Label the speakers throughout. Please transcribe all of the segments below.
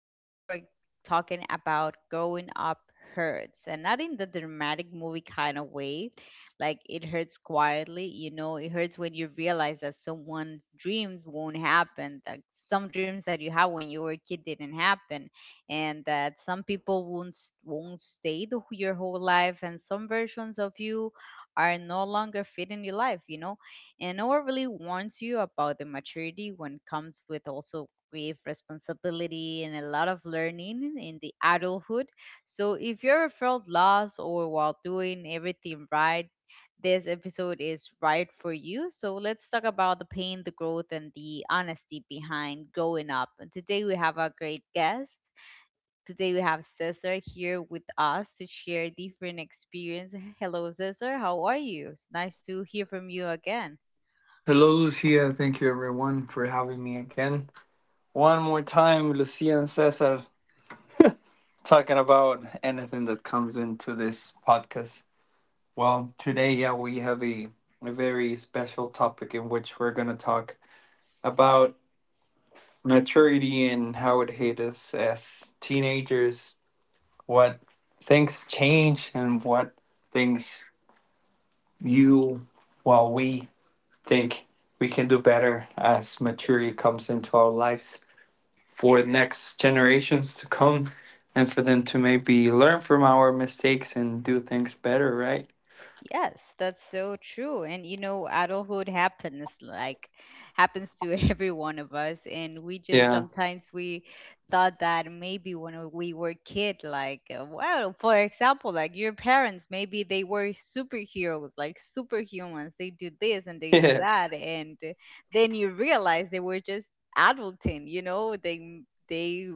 Speaker 1: Today, we're talking about growing up hurts and not in the dramatic movie kind of way. Like, it hurts quietly. You know, it hurts when you realize that someone's dreams won't happen, that some dreams that you had when you were a kid didn't happen, and that some people won't stay your whole life, and some versions of you are no longer fit in your life, you know? And no one really warns you about the maturity when comes with also grave responsibility and a lot of learning in the adulthood. So if you ever felt lost or while doing everything right, this episode is right for you. So let's talk about the pain, the growth, and the honesty behind growing up. And today we have a great guest. Today we have Cesar here with us to share different experience. Hello, Cesar. How are you? It's nice to hear from you again.
Speaker 2: Hello, Lucia. Thank you, everyone, for having me again. One more time, Lucia and Cesar talking about anything that comes into this podcast. Well, today, yeah, we have a very special topic in which we're going to talk about maturity and how it hit us as teenagers, what things change, and what things you, we think we can do better as maturity comes into our lives, for next generations to come and for them to maybe learn from our mistakes and do things better, right?
Speaker 1: Yes, that's so true. And you know, adulthood happens like happens to every one of us, and we just
Speaker 2: Yeah.
Speaker 1: sometimes we thought that maybe when we were kid, like well, for example, like your parents maybe they were superheroes, like superhumans. They do this and they do
Speaker 2: Yeah,
Speaker 1: that, and then you realize they were just adulting, you know, they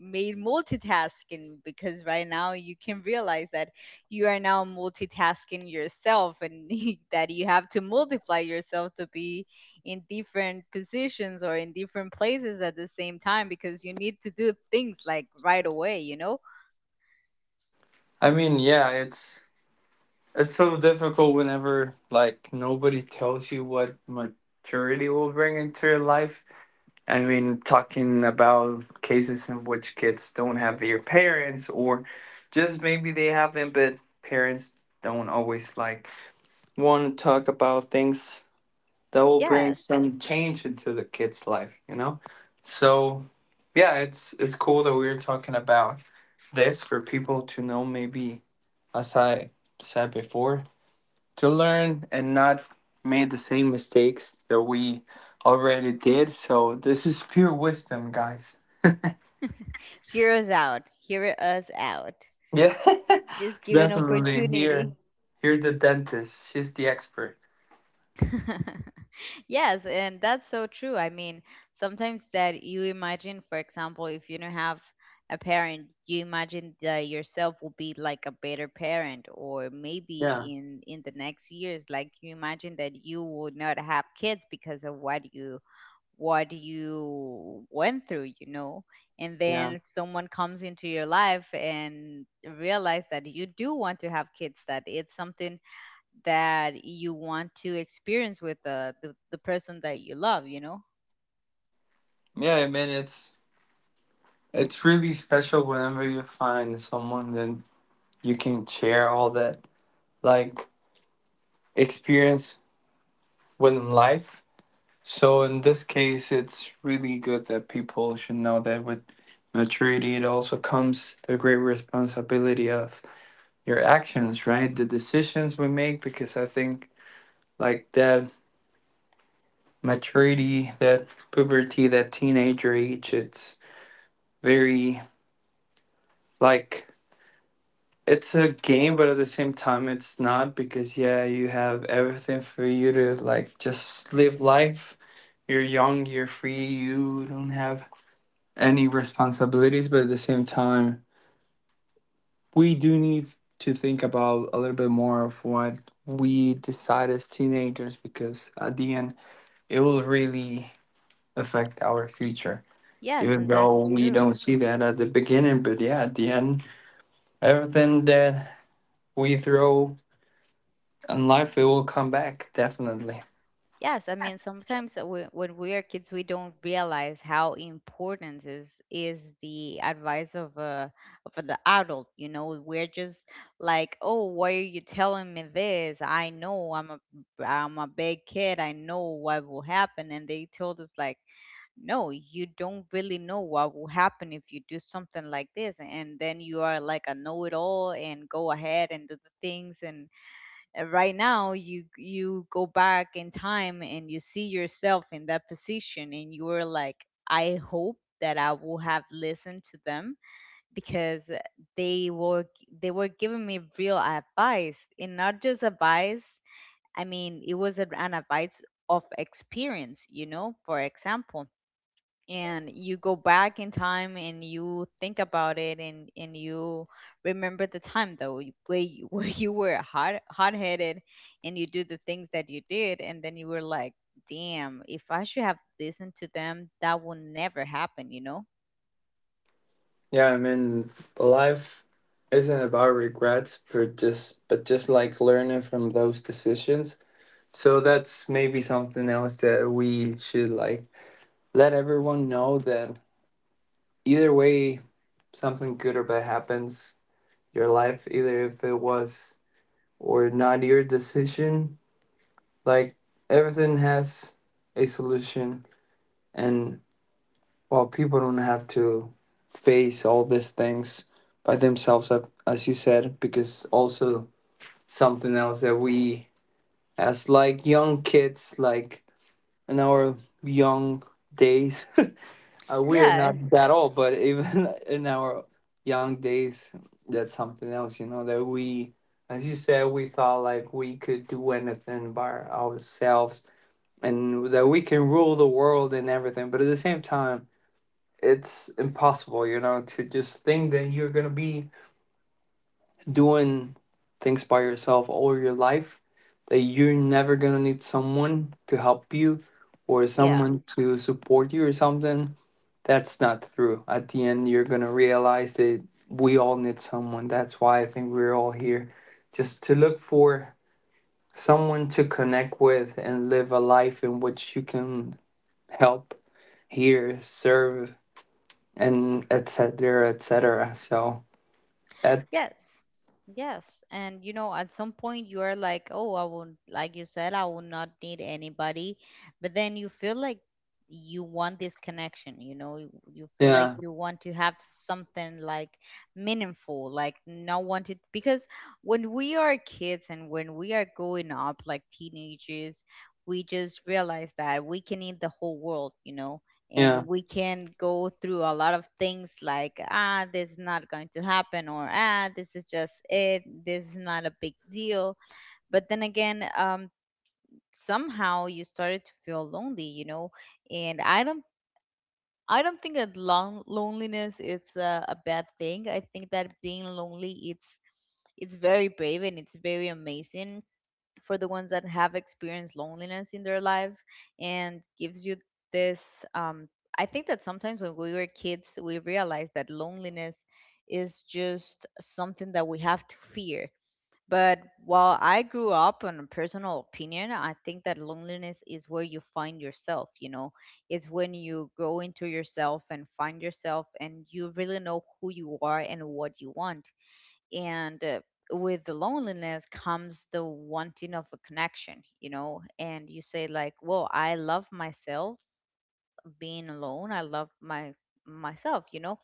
Speaker 1: made multitasking, because right now you can realize that you are now multitasking yourself and that you have to multiply yourself to be in different positions or in different places at the same time, because you need to do things like right away, you know?
Speaker 2: I mean, yeah, it's so difficult whenever, like, nobody tells you what maturity will bring into your life. I mean, talking about cases in which kids don't have their parents, or just maybe they have them but parents don't always like want to talk about things that will bring
Speaker 1: Yes.
Speaker 2: some change into the kid's life, you know. So yeah, it's cool that we're talking about this for people to know, maybe, as I said before, to learn and not made the same mistakes that we already did. So this is pure wisdom, guys.
Speaker 1: Hear us out. Hear us out.
Speaker 2: Yeah.
Speaker 1: Just give an
Speaker 2: Definitely. here
Speaker 1: opportunity.
Speaker 2: here the dentist, she's the expert.
Speaker 1: Yes, and that's so true. I mean, sometimes that you imagine, for example, if you don't have a parent, you imagine that yourself will be like a better parent, or
Speaker 2: Yeah,
Speaker 1: maybe in the next years, like you imagine that you would not have kids because of what you went through, you know. And
Speaker 2: yeah,
Speaker 1: then someone comes into your life and realize that you do want to have kids, that it's something that you want to experience with the person that you love.
Speaker 2: yeah, I mean, it's really special whenever you find someone that you can share all that, like, experience within life. So in this case, it's really good that people should know that with maturity, it also comes the great responsibility of your actions, right? The decisions we make, because I think, like, that maturity, that puberty, that teenager age, it's very, like, it's a game, but at the same time, it's not, because, yeah, you have everything for you to like just live life. You're young, you're free, you don't have any responsibilities, but at the same time, we do need to think about a little bit more of what we decide as teenagers, because at the end, it will really affect our future.
Speaker 1: Yes,
Speaker 2: Even
Speaker 1: and
Speaker 2: though
Speaker 1: that's
Speaker 2: we
Speaker 1: true.
Speaker 2: don't see that at the beginning, but yeah, at the end, everything that we throw and life, it will come back, definitely.
Speaker 1: Yes, I mean, sometimes when we are kids we don't realize how important is the advice of a of an adult, you know? We're just like, oh, why are you telling me this? I know, I'm a big kid, I know what will happen. And they told us like, no, you don't really know what will happen if you do something like this. And then you are like a know-it-all and go ahead and do the things. And right now, you go back in time and you see yourself in that position, and you're like, I hope that I will have listened to them, because they were they were giving me real advice, and not just advice. I mean, it was an advice of experience, you know. For example, and you go back in time and you think about it, and you remember the time, though you- where you, where you were hot-headed and you do the things that you did. And then you were like, damn, if I should have listened to them, that would never happen.
Speaker 2: Yeah, I mean, life isn't about regrets, but just, but just like learning from those decisions. So that's maybe something else that we should like let everyone know, that either way, something good or bad happens your life, either if it was or not your decision, like, everything has a solution. And, well, people don't have to face all these things by themselves, as you said, because also something else that we, as, like, young kids, like, in our young days, we are
Speaker 1: Yes.
Speaker 2: not that old, but even in our young days, that's something else, you know, that we, as you said, we thought like we could do anything by ourselves and that we can rule the world and everything. But at the same time, it's impossible, you know, to just think that you're gonna be doing things by yourself all your life, that you're never gonna need someone to help you or someone to support you or something. That's not true. At the end, you're gonna realize that we all need someone. That's why I think we're all here, just to look for someone to connect with and live a life in which you can help, hear, serve, and et cetera, et cetera. So that,
Speaker 1: Yes. Yes. And you know, at some point you are like, oh, I will, like you said, I will not need anybody. But then you feel like you want this connection, you know, you feel like
Speaker 2: yeah,
Speaker 1: you want to have something like meaningful, like not wanted. Because when we are kids and when we are growing up, like teenagers, we just realize that we can need the whole world, you know,
Speaker 2: yeah,
Speaker 1: and we can go through a lot of things like, ah, this is not going to happen, or ah, this is just it, this is not a big deal. But then again, somehow you started to feel lonely, you know. And I don't think that long loneliness is a bad thing. I think that being lonely, it's very brave and it's very amazing for the ones that have experienced loneliness in their lives, and gives you this I think that sometimes when we were kids we realized that loneliness is just something that we have to fear. But while I grew up, on a personal opinion, I think that loneliness is where you find yourself, you know. It's when you go into yourself and find yourself and you really know who you are and what you want. And with the loneliness comes the wanting of a connection, you know. And you say like, well, I love myself, being alone, I love my myself, you know.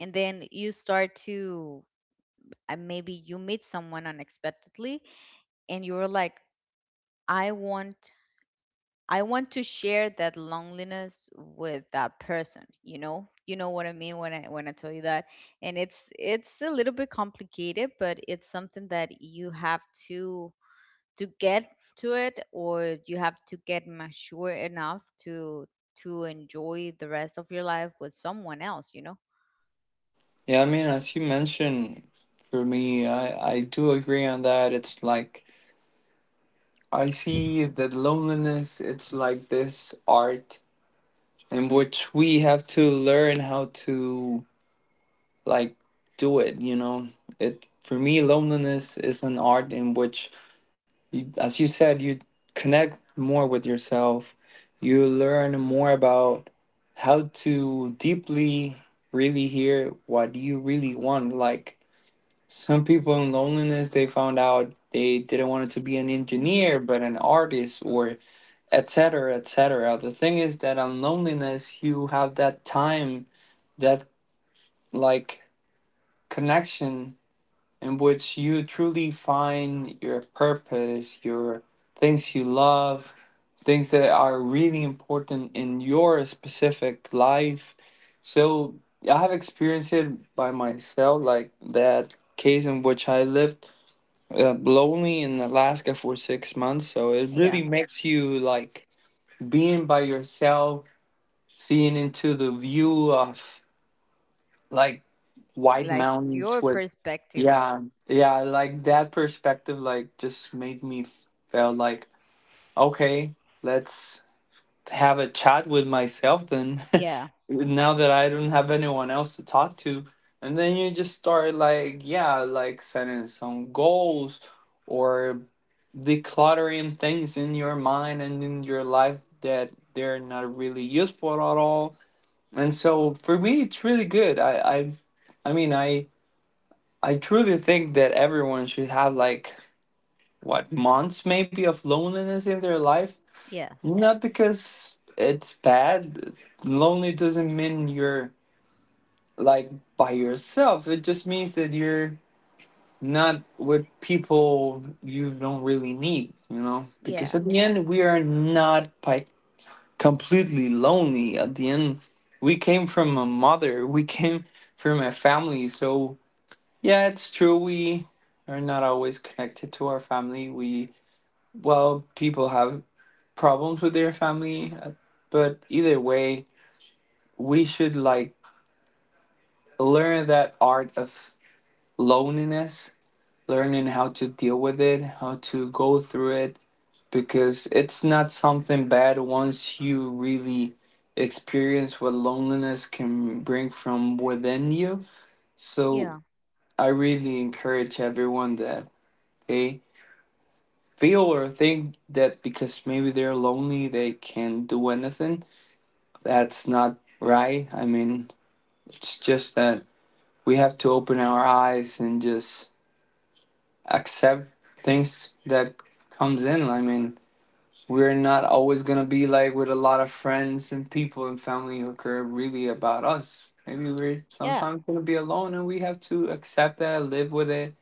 Speaker 1: And then you start to and maybe you meet someone unexpectedly, and you're like, i want I want to share that loneliness with that person. You know what I mean when I tell you that. And it's a little bit complicated, but it's something that you have to to get to it, or you have to get mature enough to enjoy the rest of your life with someone else.
Speaker 2: yeah. I mean, as you mentioned, for me, I do agree on that. It's like I see that loneliness. It's like this art in which we have to learn how to, like, do it. You know, it for me, loneliness is an art in which you, as you said, you connect more with yourself. You learn more about how to deeply really hear what you really want. Like, some people in loneliness, they found out they didn't want to be an engineer,
Speaker 1: Hmm.
Speaker 2: but an artist, or etc., etc. The thing is that on loneliness, you have that time, that, like, connection in which you truly find your purpose, your things you love, things that are really important in your specific life. So I have experienced it by myself, like, that case in which I lived lonely in Alaska for 6 months. So it
Speaker 1: Yeah,
Speaker 2: really makes you like being by yourself, seeing into the view of, like, white
Speaker 1: like
Speaker 2: mountains
Speaker 1: your
Speaker 2: where,
Speaker 1: perspective.
Speaker 2: yeah, yeah, like that perspective, like, just made me feel like, okay, let's have a chat with myself, then.
Speaker 1: Yeah.
Speaker 2: Now that I don't have anyone else to talk to, and then you just start like, yeah, like, setting some goals or decluttering things in your mind and in your life that they're not really useful at all. And so for me, it's really good. I mean, I. I truly think that everyone should have like what months maybe of loneliness in their life.
Speaker 1: Yes.
Speaker 2: Not because it's bad. Lonely doesn't mean you're, like, by yourself. It just means that you're not with people you don't really need, you know? Because at the
Speaker 1: Yes.
Speaker 2: end we are not like completely lonely. At the end we came from a mother, we came from a family, so yeah, it's true. We are not always connected to our family. We, well, people have problems with their family, but either way, we should, like, learn that art of loneliness, learning how to deal with it, how to go through it, because it's not something bad once you really experience what loneliness can bring from within you. So
Speaker 1: Yeah.
Speaker 2: I really encourage everyone that, hey, feel or think that because maybe they're lonely they can't do anything, that's not right. I mean, it's just that we have to open our eyes and just accept things that comes in. I mean, we're not always going to be like with a lot of friends and people and family who care really about us. Maybe we're
Speaker 1: Yeah.
Speaker 2: sometimes going to be alone and we have to accept that, live with it,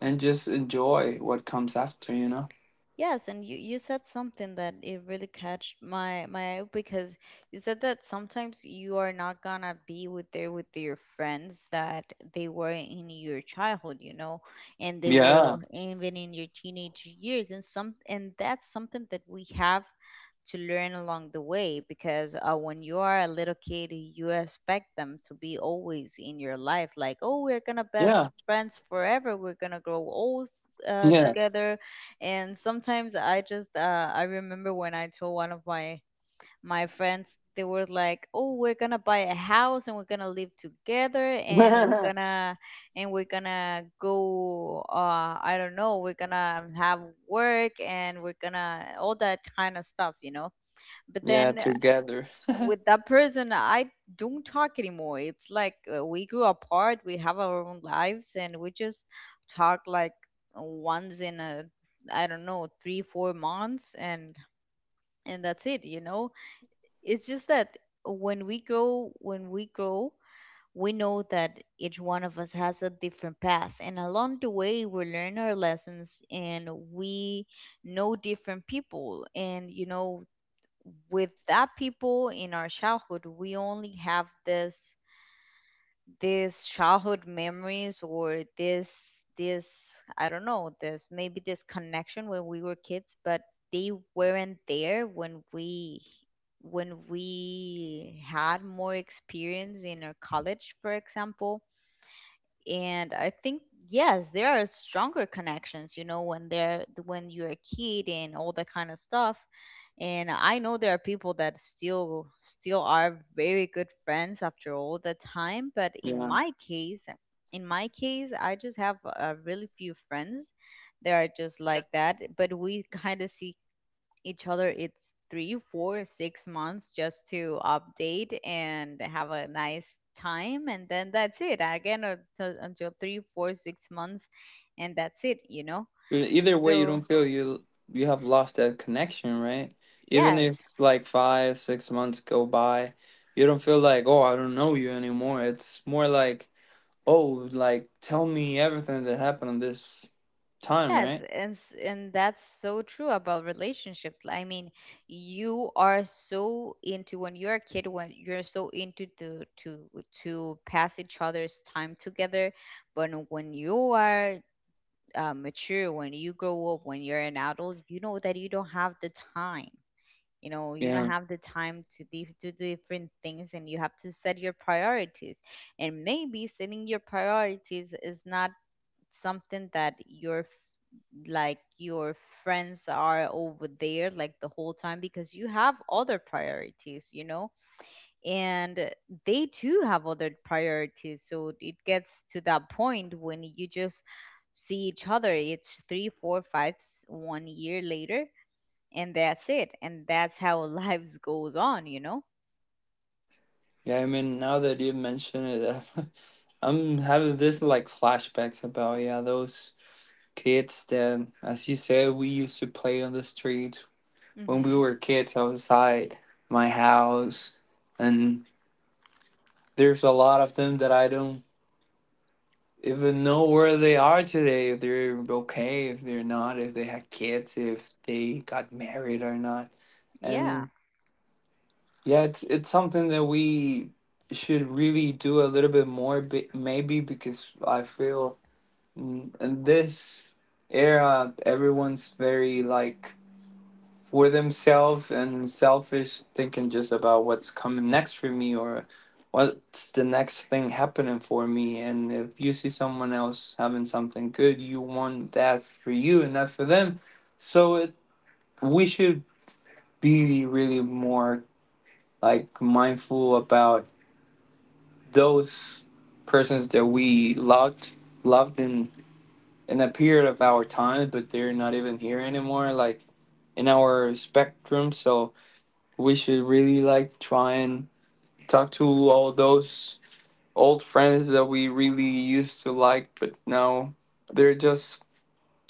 Speaker 2: and just enjoy what comes after, you know.
Speaker 1: Yes, and you said something that it really catched my eye, because you said that sometimes you are not gonna be with your friends that they were in your childhood, you know, and they
Speaker 2: Yeah,
Speaker 1: will, even in your teenage years. And that's something that we have to learn along the way, because when you are a little kid, you expect them to be always in your life. Like, oh, we're gonna
Speaker 2: yeah,
Speaker 1: best friends forever, we're gonna grow old together. And sometimes I just I remember when I told one of my friends, they were like, oh, we're gonna buy a house and we're gonna live together, and we're
Speaker 2: yeah.
Speaker 1: gonna and we're gonna go, uh, I don't know, we're gonna have work, and we're gonna all that kind of stuff, you know. But
Speaker 2: Yeah,
Speaker 1: then
Speaker 2: together.
Speaker 1: with that person I don't talk anymore. It's like we grew apart, we have our own lives, and we just talk like once in a, I don't know, 3-4 months. And that's it, you know. It's just that when we grow, we know that each one of us has a different path, and along the way we learn our lessons and we know different people. And you know, with that people in our childhood we only have this, this childhood memories, or this I don't know, this maybe this connection when we were kids, but they weren't there when we, when we had more experience in our college, for example. And I think, yes, there are stronger connections, you know, when you're a kid and all that kind of stuff. And I know there are people that still are very good friends after all the time, but in
Speaker 2: Yeah.
Speaker 1: my case in my case I just have a really few friends that are just like that, but we kind of see each other, it's 3-4-6 months, just to update and have a nice time. And then that's it again, until 3-4-6 months. And that's it, you know.
Speaker 2: Either way, you
Speaker 1: So
Speaker 2: don't feel you have lost that connection, right? Even
Speaker 1: yes.
Speaker 2: if like 5, 6 months go by, you don't feel like, oh, I don't know you anymore. It's more like, oh, like, tell me everything that happened on this time,
Speaker 1: Yes,
Speaker 2: right?
Speaker 1: and that's so true about relationships. I mean, you are so into when you're a kid, when you're so into to pass each other's time together. But when you are mature, when you grow up, when you're an adult, you know that you don't have the time. You know, you don't
Speaker 2: Yeah.
Speaker 1: have the time to do different things, and you have to set your priorities. And maybe setting your priorities is not something that like your friends are over there like the whole time, because you have other priorities. You know, and they too have other priorities. So it gets to that point when you just see each other, it's three four five one year later. And that's it. And that's how lives goes on.
Speaker 2: Yeah, I mean, now that you mention it, I'm having this like flashbacks about, yeah, those kids that, as you said, we used to play on the streets when we
Speaker 1: Hmm.
Speaker 2: were kids outside my house, and there's a lot of them that I don't even know where they are today, if they're okay, if they're not, if they had kids, if they got married or not.
Speaker 1: Yeah.
Speaker 2: And yeah, it's something that we should really do a little bit more, maybe, because I feel, in this era everyone's very, like, for themselves and selfish, thinking just about what's coming next for me or what's the next thing happening for me. And if you see someone else having something good, you want that for you and not for them. So it, we should be really more, like, mindful about those persons that we loved, loved in a period of our time, but they're not even here anymore. Like, in our spectrum. So we should really, like, try and talk to all those old friends that we really used to like, but now they're just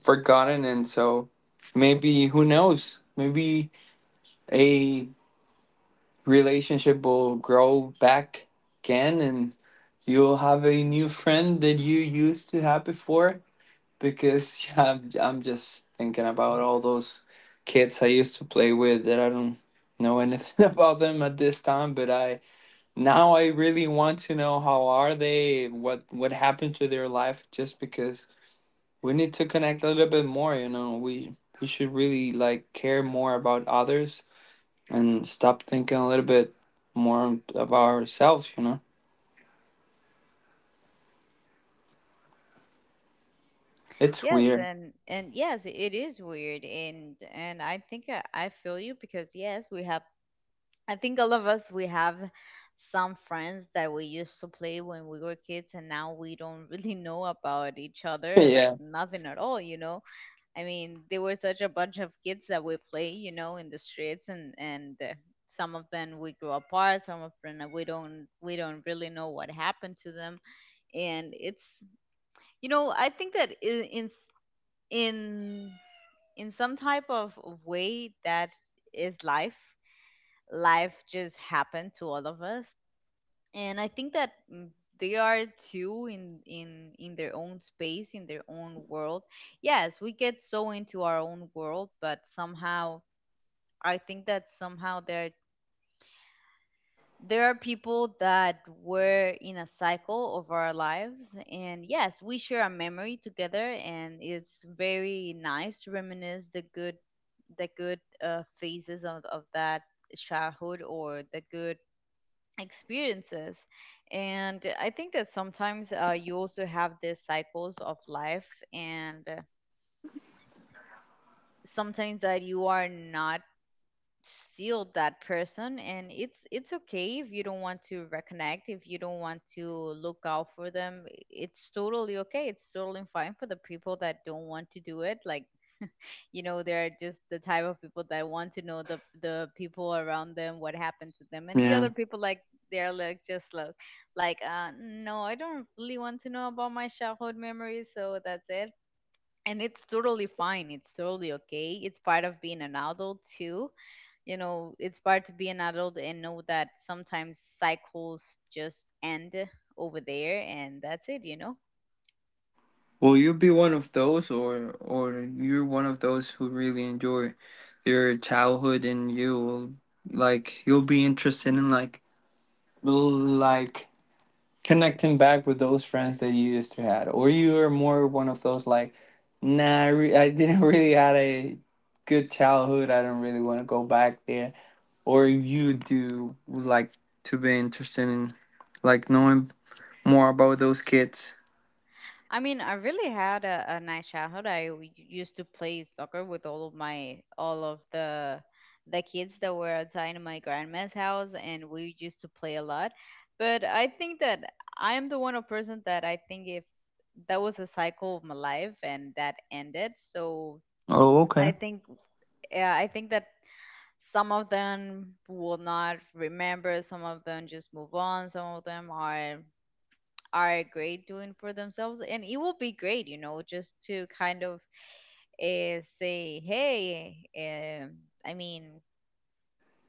Speaker 2: forgotten. And so, maybe, who knows, maybe a relationship will grow back again and you'll have a new friend that you used to have before, because yeah, I'm, just thinking about all those kids I used to play with that I don't know anything about them at this time, but I now I really want to know how are they, what happened to their life, just because we need to connect a little bit more, you know. We should really, like, care more about others and stop thinking a little bit more about ourselves, you know. It's
Speaker 1: Yes.
Speaker 2: weird.
Speaker 1: And yes, it is weird. And I think I feel you, because yes, we have, I think all of us, we have some friends that we used to play when we were kids, and now we don't really know about each other, like
Speaker 2: Yeah.
Speaker 1: nothing at all. I mean, there were such a bunch of kids that we play, you know, in the streets and some of them we grew apart, some of them we don't really know what happened to them and it's. I think that in, in some type of way that is life just happened to all of us. And I think that they are too in their own space, in their own world. Yes, we get so into our own world, but somehow I think that somehow there are people that were in a cycle of our lives, and yes, we share a memory together, and it's very nice to reminisce the good the good phases of that childhood, or the good experiences. And I think that sometimes you also have these cycles of life, and sometimes that you are not still that person, and it's okay if you don't want to reconnect, if you don't want to look out for them. It's totally okay, it's totally fine for the people that don't want to do it. Like, you know, they're just the type of people that want to know the people around them, what happened to them, and the other
Speaker 2: Yeah.
Speaker 1: people like they're like just look, like, no, I don't really want to know about my childhood memories, so that's it. And it's totally fine, it's totally okay, it's part of being an adult too. You know, it's part to be an adult and know that sometimes cycles just end over there, and that's it, you know.
Speaker 2: Will you be one of those, or you're one of those who really enjoy your childhood and you, you'll be interested in like connecting back with those friends that you used to had? Or you are more one of those like, nah, I didn't really had a good childhood, I don't really want to go back there? Or you do like to be interested in like knowing more about those kids?
Speaker 1: I mean, I really had a nice childhood. I used to play soccer with all of my all of the kids that were outside of my grandma's house, and we used to play a lot. But I think that I'm the one of person that I think if that was a cycle of my life and that ended, so
Speaker 2: Oh, okay.
Speaker 1: I think yeah, I think that some of them will not remember, some of them just move on, some of them are great doing for themselves, and it will be great, you know, just to kind of say hey, I mean,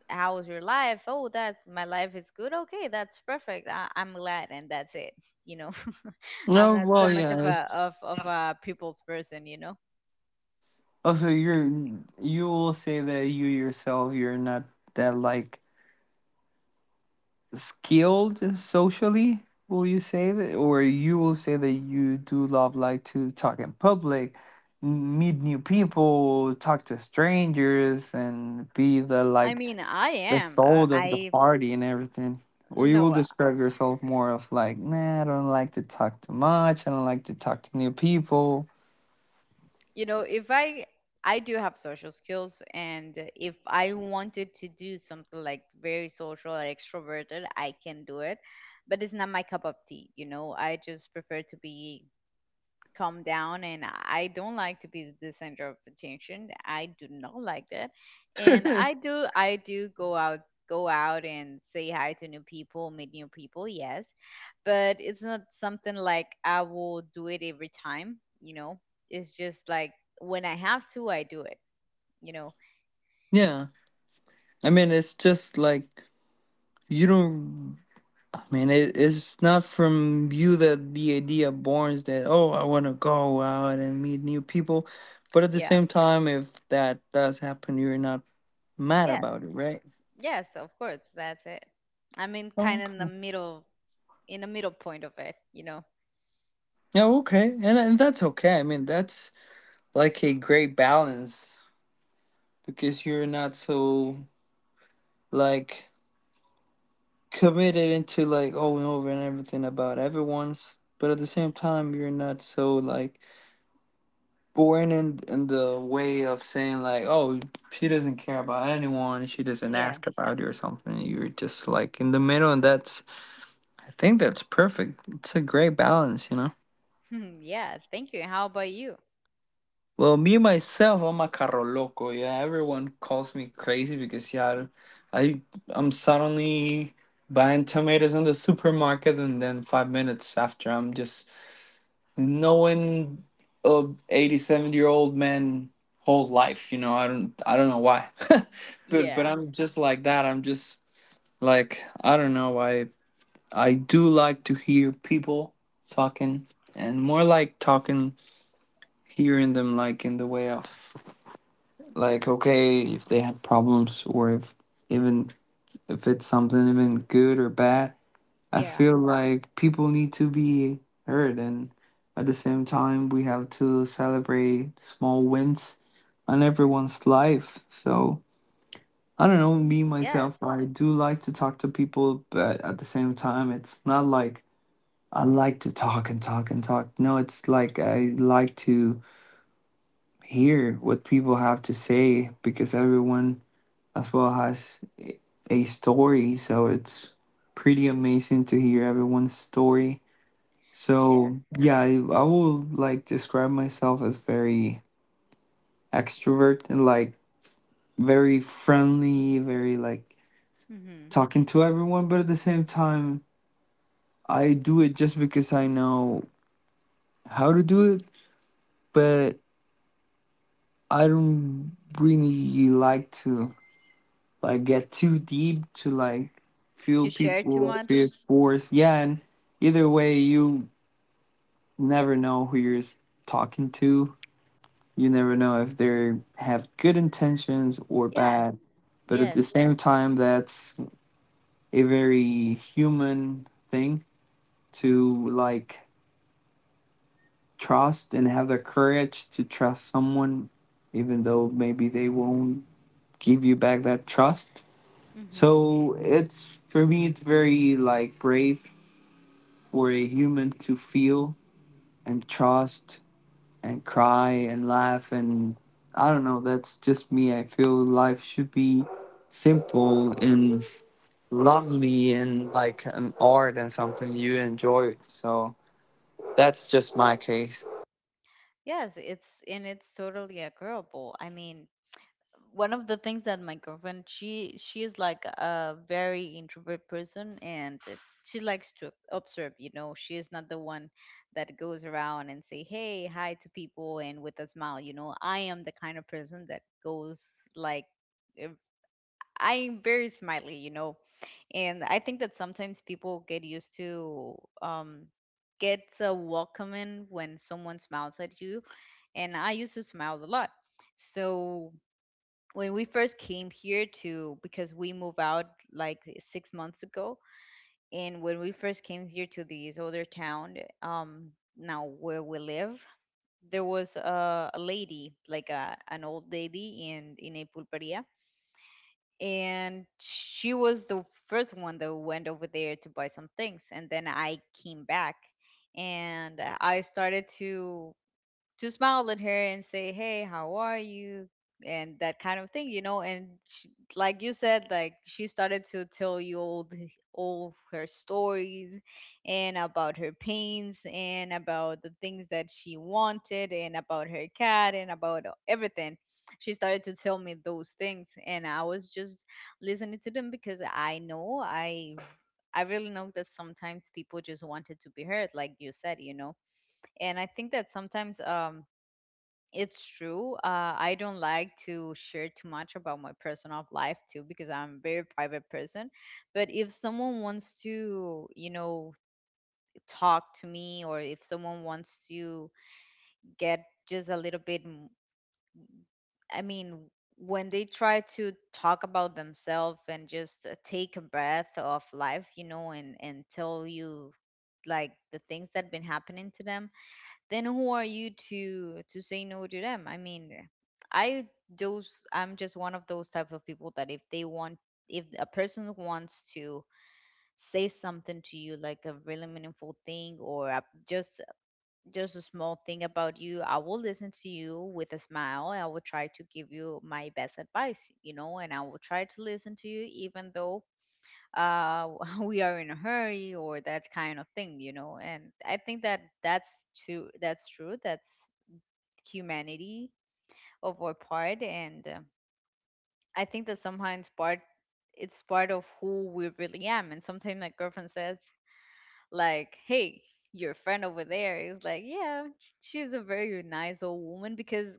Speaker 1: how was your life? Oh, that's my life is good. Okay, that's perfect. I'm glad and that's it, you know. I'm
Speaker 2: No,
Speaker 1: not so
Speaker 2: well,
Speaker 1: much
Speaker 2: yeah,
Speaker 1: of a of a people's person, you know.
Speaker 2: also, you're, you will say that you yourself you're not that, like, skilled socially? Will you say that, or you will say that you do love like to talk in public, meet new people, talk to strangers, and be the,
Speaker 1: i
Speaker 2: like,
Speaker 1: mean i
Speaker 2: the
Speaker 1: am uh,
Speaker 2: soul of the
Speaker 1: i
Speaker 2: party and everything? Or you will
Speaker 1: no,
Speaker 2: describe yourself more of like, nah, I don't like to talk too much, I don't like to talk to new people?
Speaker 1: you know, if I I do have social skills, and if I wanted to do something like very social, like extroverted, I can do it, but it's not my cup of tea, you know. I just prefer to be calm down, and I don't like to be the center of attention. I do not like that. And I do I do go out, go out and say hi to new people, meet new people, yes, but it's not something like I will do it every time, you know. It's just like when I have to, I do it, you know.
Speaker 2: Yeah, I mean, it's just like, you don't, it's not from you that the idea borns that, oh, I want to go out and meet new people. But at the
Speaker 1: Yeah,
Speaker 2: same time, if that does happen, you're not mad
Speaker 1: yes.
Speaker 2: about it, right?
Speaker 1: Yes, of course, that's it. I'm in
Speaker 2: Oh,
Speaker 1: kind of in the
Speaker 2: okay.
Speaker 1: middle, in the middle point of it, you know.
Speaker 2: Yeah, okay. And, that's okay. I mean, that's like a great balance because you're not so, like, committed into, like, oh, and over and everything about everyone's. But at the same time, you're not so, like, born in the way of saying like, oh, she doesn't care about anyone, she doesn't
Speaker 1: Yeah.
Speaker 2: ask about you or something. You're just like in the middle, and that's, I think that's perfect. It's a great balance, you know.
Speaker 1: yeah, thank you. How about you?
Speaker 2: Well, me myself, I'm a carro loco. Yeah, everyone calls me crazy because, yeah, I, I'm suddenly buying tomatoes in the supermarket, and then 5 minutes after, I'm just knowing of 80 70-year old men whole life, you know. I don't know why. But
Speaker 1: Yeah.
Speaker 2: I'm just like that. I'm just like, I don't know, I do like to hear people talking, and more like talking, hearing them, like in the way of like, okay, if they have problems, or if, even if it's something even good or bad, I
Speaker 1: Yeah.
Speaker 2: feel like people need to be heard, and at the same time, we have to celebrate small wins on everyone's life. So, I don't know, me myself,
Speaker 1: Yes.
Speaker 2: I do like to talk to people, but at the same time, it's not like I like to talk and talk and talk. No, it's like I like to hear what people have to say, because everyone as well has a story. So, it's pretty amazing to hear everyone's story. So,
Speaker 1: Yes.
Speaker 2: yeah, I will like describe myself as very extrovert and like very friendly, very like
Speaker 1: Mm-hmm.
Speaker 2: talking to everyone, but at the same time, I do it just because I know how to do it, but I don't really like to, like, get too deep, to like feel
Speaker 1: To share too
Speaker 2: people feel
Speaker 1: much.
Speaker 2: forced. Yeah, and either way, you never know who you're talking to. You never know if they have good intentions or
Speaker 1: Yes.
Speaker 2: bad. But at the
Speaker 1: Yes.
Speaker 2: same time, that's a very human thing, to like trust and have the courage to trust someone, even though maybe they won't give you back that trust.
Speaker 1: Mm-hmm.
Speaker 2: So it's, for me, it's very like brave for a human to feel and trust and cry and laugh, and I don't know, that's just me. I feel life should be simple and lovely and like an art and something you enjoy. So that's just my case.
Speaker 1: Yes. It's and it's totally agreeable. I mean, one of the things that my girlfriend she is like a very introvert person, and she likes to observe. You know, she is not the one that goes around and say hey hi to people and with a smile. You know, I am the kind of person that goes like I'm very smiley, you know. And I think that sometimes people get used to um get so welcoming when someone smiles at you. And I used to smile a lot. So when we first came here to because we moved out like six months ago, and when we first came here to this other town, um now where we live, there was a lady, like a, an old lady in a pulperia, and she was the first one that went over there to buy some things, and then I came back and I started to smile at her and say, "Hey, how are you?" and that kind of thing, you know. And she, like you said, like she started to tell you all the, all her stories, and about her pains, and about the things that she wanted, and about her cat, and about everything. She started to tell me those things, and I was just listening to them because I know I. I really know that sometimes people just wanted to be heard, like you said, you know. And I think that sometimes it's true. I don't like to share too much about my personal life too because I'm a very private person. But if someone wants to, you know, talk to me, or if someone wants to get just a little bit, I mean, when they try to talk about themselves and just take a breath of life, you know, and tell you like the things that been happening to them, then who are you to say no to them? I mean, I, those I'm just one of those type of people that if they want, if a person wants to say something to you like a really meaningful thing, or a, just just a small thing about you, I will listen to you with a smile, I will try to give you my best advice, you know, and I will try to listen to you even though uh we are in a hurry or that kind of thing, you know. And I think that that's too, that's true, that's humanity of our part. And I think that sometimes part it's part of who we really am, and sometimes my girlfriend says like hey, your friend over there is like yeah, she's a very nice old woman, because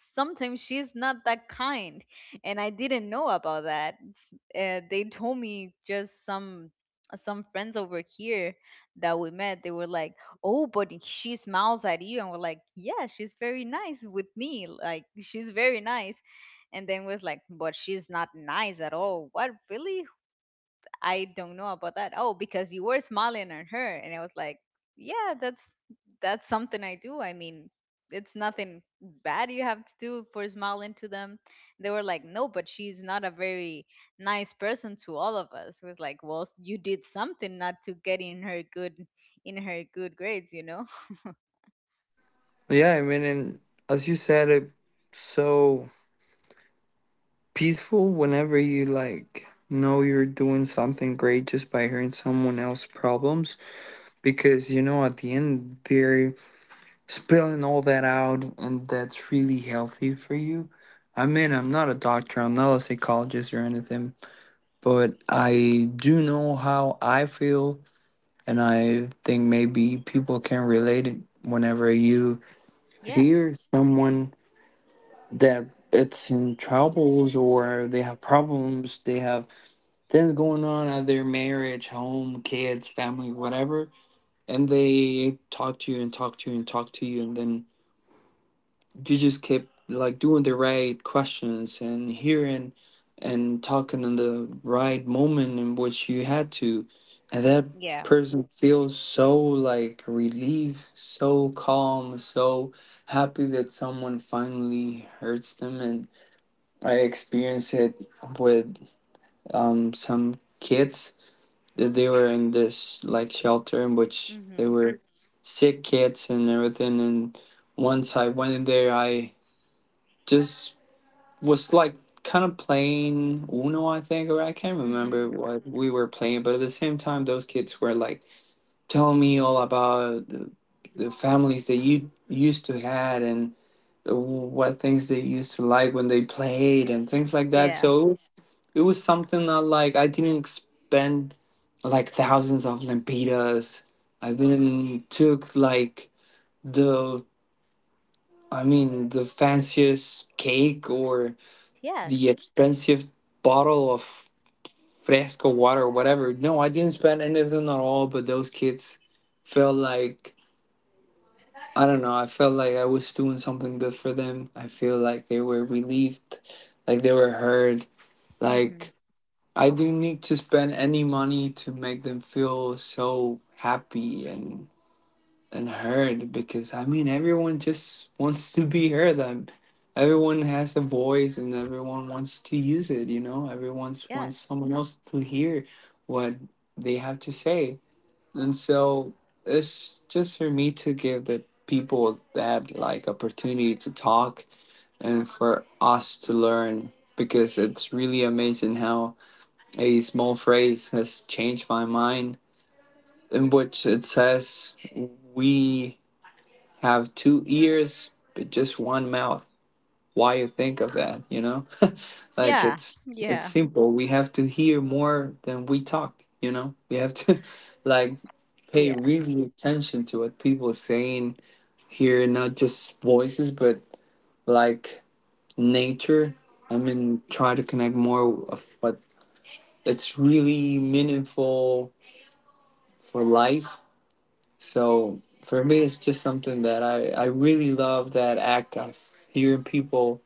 Speaker 1: sometimes she's not that kind. And I didn't know about that. They told me just some friends over here that we met, they were like oh but she smiles at you, and we're like yeah she's very nice with me, like she's very nice. And then was like but she's not nice at all, what, really? I don't know about that. Oh, because you were smiling at her. And I was like, yeah, that's something I do. I mean, it's nothing bad you have to do for smiling to them. They were like, no, but she's not a very nice person to all of us. It was like, well, you did something not to get in her good grades, you know?
Speaker 2: Yeah, I mean, and as you said, it's so peaceful whenever you, like, know you're doing something great just by hearing someone else's problems, because, you know, at the end there spilling all that out, and that's really healthy for you. I mean, I'm not a doctor, I'm not a psychologist or anything, but I do know how I feel, and I think maybe people can relate it, whenever you hear
Speaker 1: Yes.
Speaker 2: someone that it's in troubles, or they have problems, they have things going on at their marriage, home, kids, family, whatever, and they talk to you and talk to you and talk to you, and then you just keep like doing the right questions and hearing and talking in the right moment in which you had to, and that
Speaker 1: Yeah.
Speaker 2: person feels so like relieved, so calm, so happy that someone finally hurts them. And I experienced it with, um, some kids, that they were in this like shelter, in which they
Speaker 1: Mhm.
Speaker 2: were sick kids and everything, and once I went in there, I just was like kind of playing Uno, I think, or I can't remember
Speaker 1: Mhm.
Speaker 2: what we were playing, but at the same time, those kids were like telling me all about the families they you used to had, and what things they used to like when they played and things like that.
Speaker 1: Yeah.
Speaker 2: So it was something that, like, I didn't spend like thousands of lempitas. I didn't took like the, I mean, the fanciest cake, or the
Speaker 1: Yes.
Speaker 2: expensive bottle of fresco water or whatever. No, I didn't spend anything at all, but those kids felt like, I don't know, I felt like I was doing something good for them. I feel like they were relieved, like they were heard.
Speaker 1: Mhm.
Speaker 2: Like, I didn't need to spend any money to make them feel so happy, and. And heard, because, I mean, everyone just wants to be heard. Everyone has a voice and everyone wants to use it. You know, everyone wants
Speaker 1: Yes.
Speaker 2: someone else to hear what they have to say, and so it's just for me to give the people that like opportunity to talk, and for us to learn, because it's really amazing how a small phrase has changed my mind, in which it says, we have two ears but just one mouth. Why you think of that, you know? Like,
Speaker 1: Yeah.
Speaker 2: it's
Speaker 1: Yeah.
Speaker 2: simple, we have to hear more than we talk, you know, we have to like pay
Speaker 1: Yeah.
Speaker 2: really attention to what people are saying, hear not just voices, but like nature. I mean, try to connect more of what it's really meaningful for life. So for me, it's just something that I really love, that act of hearing people.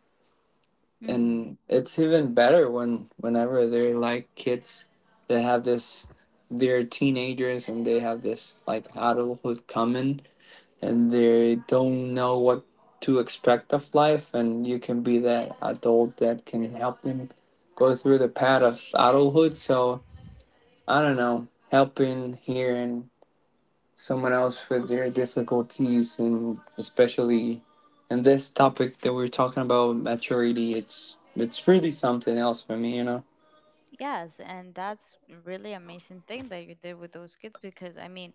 Speaker 1: Mm-hmm.
Speaker 2: And it's even better when whenever they're like kids that have this, they're teenagers and they have this like adulthood coming, and they don't know what to expect of life. And you can be that adult that can help them go through the path of adulthood. So I don't know, helping, hearing someone else with their difficulties, and especially in this topic that we're talking about maturity, it's really something else for me, you know.
Speaker 1: Yes, and that's really amazing thing that you did with those kids because I mean,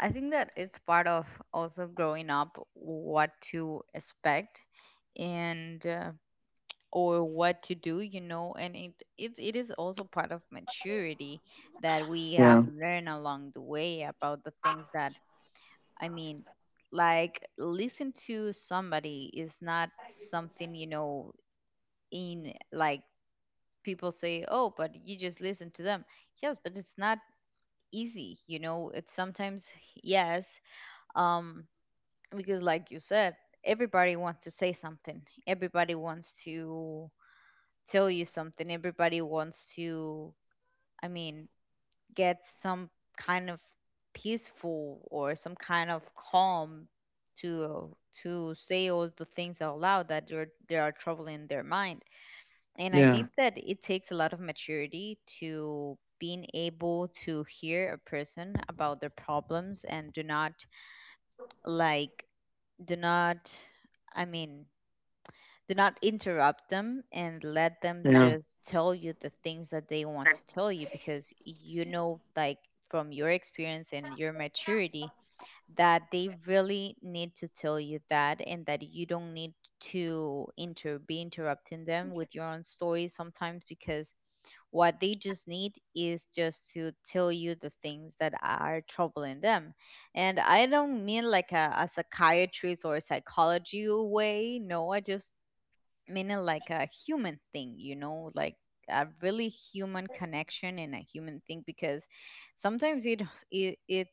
Speaker 1: I think that it's part of also growing up, what to expect, and or what to do, you know. And it it is also part of maturity that we
Speaker 2: Yeah,
Speaker 1: have learned along the way about the things that I mean, like listen to somebody is not something, you know, in like people say, "Oh, but you just listen to them." Yes, but it's not easy, you know. It's sometimes yes, um, because like you said, everybody wants to say something. Everybody wants to tell you something. Everybody wants to, I mean, get some kind of peaceful or some kind of calm to to say all the things out loud that are they are troubling their mind. And I
Speaker 2: yeah,
Speaker 1: think that it takes a lot of maturity to being able to hear a person about their problems and do not like do not I mean do not interrupt them, and let them
Speaker 2: yeah,
Speaker 1: just tell you the things that they want to tell you, because you know, like from your experience and your maturity, that they really need to tell you that, and that you don't need to inter be interrupting them with your own story sometimes, because what they just need is just to tell you the things that are troubling them. And I don't mean like a psychiatrist or a psychology way, no, I just mean it like a human thing, you know, like a really human connection and a human thing, because sometimes it,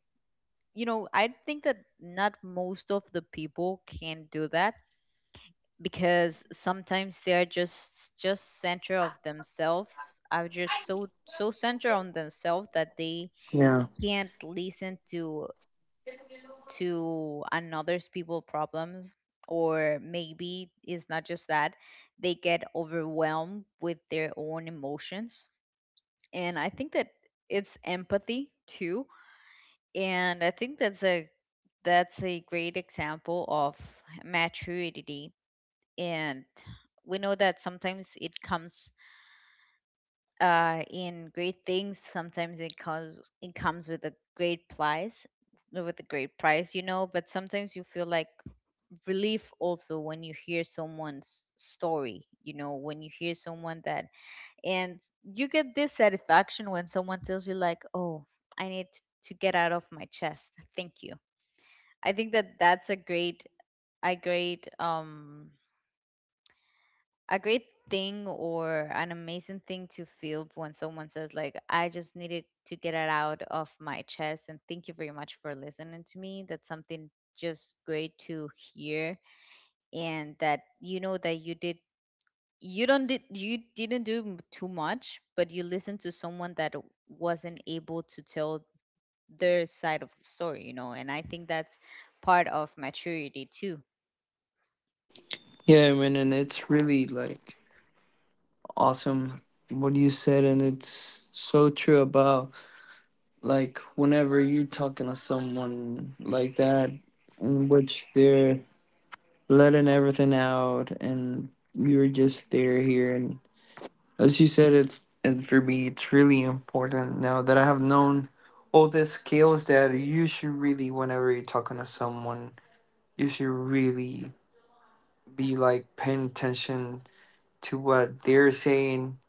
Speaker 1: you know, I think that not most of the people can do that because sometimes they are just center of themselves, are just so center on themselves that they
Speaker 2: yeah.
Speaker 1: can't listen to another's people problems. Or maybe it's not just that, they get overwhelmed with their own emotions. And I think that it's empathy too. And I think that's a great example of maturity. And we know that sometimes it comes in great things, sometimes it comes, it comes with a great price, with a great price, you know. But sometimes you feel like relief also when you hear someone's story, you know, when you hear someone that and you Get this satisfaction when someone tells you like, oh, I need to get out of my chest, thank you. I think that that's a great a great a great thing or an amazing thing to feel when someone says like I just needed to get it out of my chest and thank you very much for listening to me. That's something just great to hear and that you know that you did you didn't do too much but you listened to someone that wasn't able to tell their side of the story, you know. And I think that's part of maturity too.
Speaker 2: Yeah, man, and it's really like awesome what you said. And it's so true about like whenever you're talking to someone like that, in which they're letting everything out, and you're just there hearing. As you said, it's, and for me, it's really important now that I have known all the skills that you should really, whenever you're talking to someone, you should really be like paying attention to what they're saying,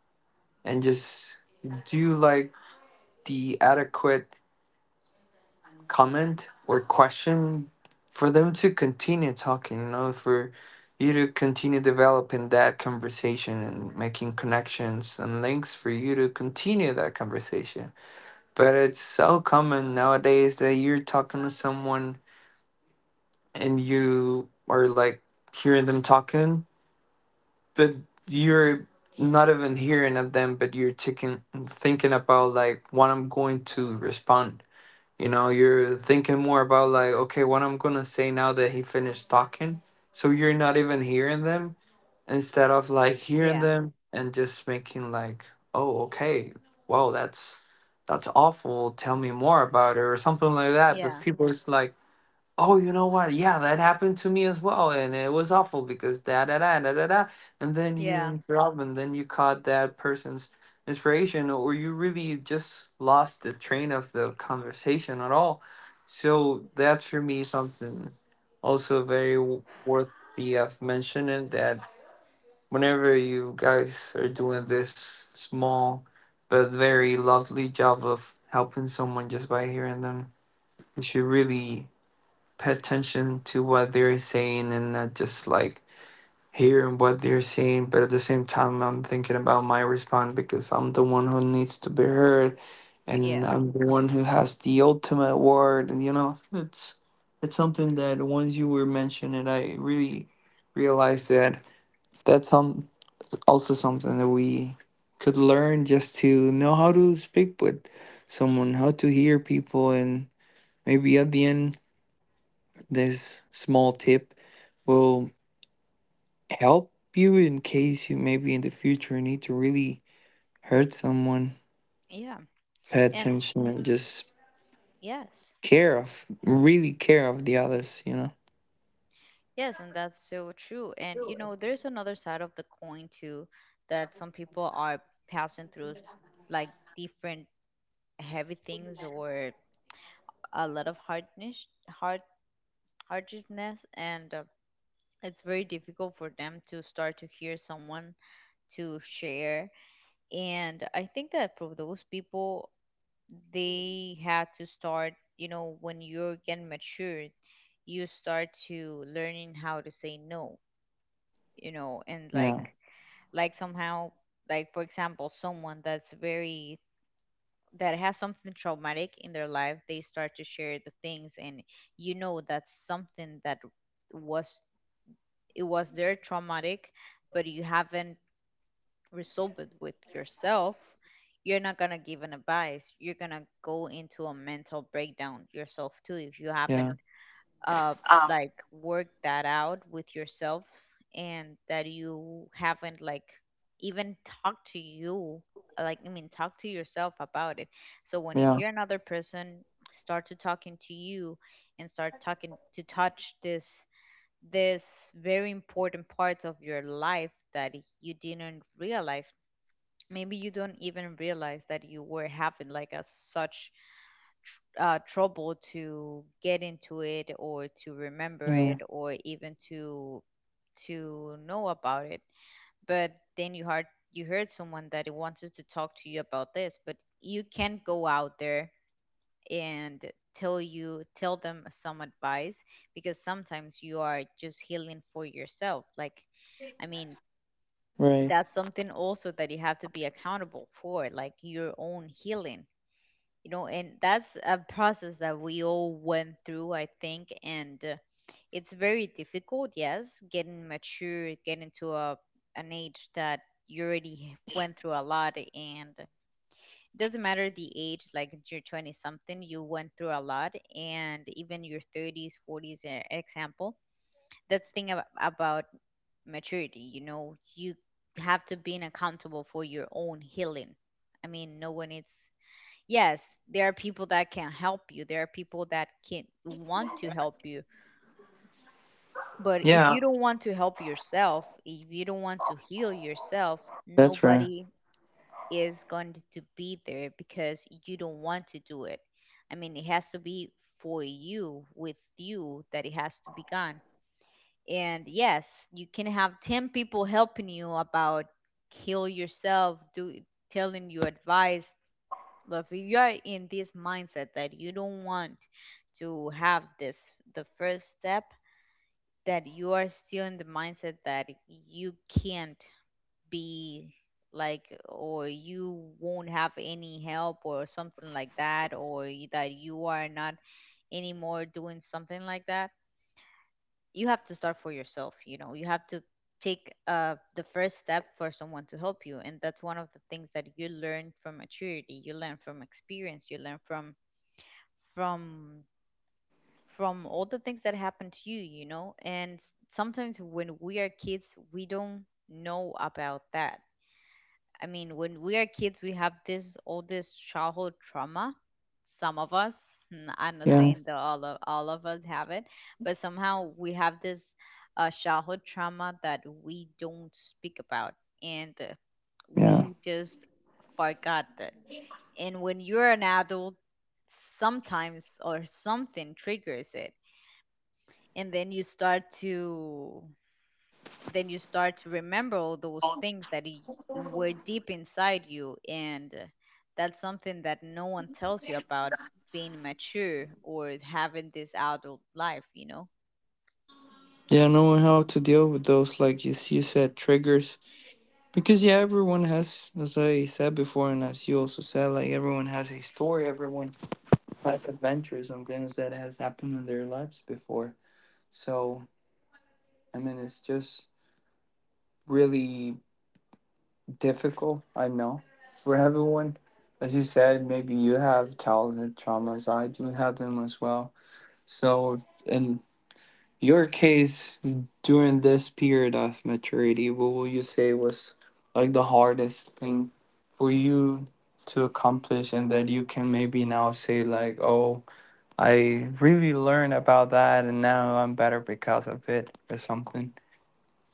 Speaker 2: and just do like the adequate comment or question for them to continue talking, you know, for you to continue developing that conversation and making connections and links for you to continue that conversation. But it's so common nowadays that you're talking to someone and you are like hearing them talking, but you're not even hearing at them, but you're taking, thinking about like what I'm going to respond. You know, you're thinking more about like, okay, what I'm gonna say now that he finished talking. So you're not even hearing them, instead of like hearing
Speaker 1: yeah
Speaker 2: them and just making like, oh, okay, wow, that's awful, tell me more about it, or something like that. But
Speaker 1: Yeah,
Speaker 2: people is like, oh, you know what, yeah, that happened to me as well, and it was awful because da da da da da da. And then you
Speaker 1: yeah,
Speaker 2: interrupt, and then you caught that person's inspiration, or you really just lost the train of the conversation at all. So that's, for me, something also very worthy of mentioning, that whenever you guys are doing this small but very lovely job of helping someone just by hearing them, you should really pay attention to what they're saying, and not just like hearing what they're saying. But at the same time, I'm thinking about my response because I'm the one who needs to be heard, and
Speaker 1: yeah,
Speaker 2: I'm the one who has the ultimate word. And, you know, it's. It's something that once you were mentioning, I really realized that that's something also something that we could learn, just to know how to speak with someone, how to hear people, and maybe at the end, this small tip will help you in case you maybe in the future need to really hurt someone.
Speaker 1: yeah.
Speaker 2: Pay
Speaker 1: And
Speaker 2: attention, and just
Speaker 1: yes,
Speaker 2: care of, really care of the others, you know?
Speaker 1: yes, and that's so true. And you know, there's another side of the coin too, that some people are passing through like different heavy things or a lot of hardness, hardness, and it's very difficult for them to start to hear someone, to share. And I think that for those people, they had to start, you know, when you're getting matured you start to learning how to say no, you know. And
Speaker 2: Yeah,
Speaker 1: like somehow, like for example someone that has something traumatic in their life, they start to share the things, and you know, that's something that was, it was their traumatic, but you haven't resolve it with yourself, you're not gonna give an advice. You're gonna go into a mental breakdown yourself too if you
Speaker 2: yeah,
Speaker 1: haven't uh like worked that out with yourself and that you haven't like even talked to you, like I mean talk to yourself about it. So when you
Speaker 2: yeah,
Speaker 1: hear another person start to talking to you and start talking to touch this, this very important parts of your life that you didn't realize, maybe you don't even realize that you were having like a such trouble to get into it or to remember
Speaker 2: yeah,
Speaker 1: it or even to know about it, but then you heard, you heard someone that wants to talk to you about this, but you can't go out there and tell them some advice, because sometimes you are just healing for yourself. Like, I mean,
Speaker 2: right.
Speaker 1: that's something also that you have to be accountable for, like your own healing, you know. And that's a process that we all went through, I think. And it's very difficult, yes, getting mature, getting to a an age that you already went through a lot. And it doesn't matter the age, like you're 20 something, you went through a lot, and even your 30s 40s example. That's thing about maturity, you know. You have to be accountable for your own healing. I mean, no one, it's, yes, there are people that can help you, there are people that can want to help you, but if
Speaker 2: Yeah,
Speaker 1: you don't want to help yourself, if you don't want to heal yourself,
Speaker 2: that's right.
Speaker 1: nobody is going to be there because you don't want to do it. I mean, it has to be for you, with you, that it has to be gone. And yes, you can have 10 people helping you about heal yourself, do telling you advice, but if you are in this mindset that you don't want to have this the first step, that you are still in the mindset that you can't be like, or you won't have any help or something like that, or that you are not anymore doing something like that, you have to start for yourself, you know. You have to take the first step for someone to help you. And that's one of the things that you learn from maturity, you learn from experience, you learn from from from all the things that happen to you, you know. And sometimes when we are kids, we don't know about that. I mean, when we are kids, we have this all this childhood trauma. Some of us, I'm not
Speaker 2: Yeah,
Speaker 1: saying that all of us have it, but somehow we have this childhood trauma that we don't speak about, and
Speaker 2: yeah.
Speaker 1: we just forgot that. And when you're an adult, sometimes or something triggers it, and then you start to then you start to remember all those things that were deep inside you. And that's something that no one tells you about being mature or having this adult life, you know.
Speaker 2: Yeah, knowing how to deal with those, like you, you said, triggers. Because, yeah, everyone has, as I said before, and as you also said, like, everyone has a story. Everyone has adventures and things that has happened in their lives before. So I mean, it's just really difficult, I know, for everyone, as you said, maybe you have childhood traumas. I do have them as well. So and, your case during this period of maturity, what would you say was like the hardest thing for you to accomplish, and that you can maybe now say, like, oh, I really learned about that, and now I'm better because of it, or something?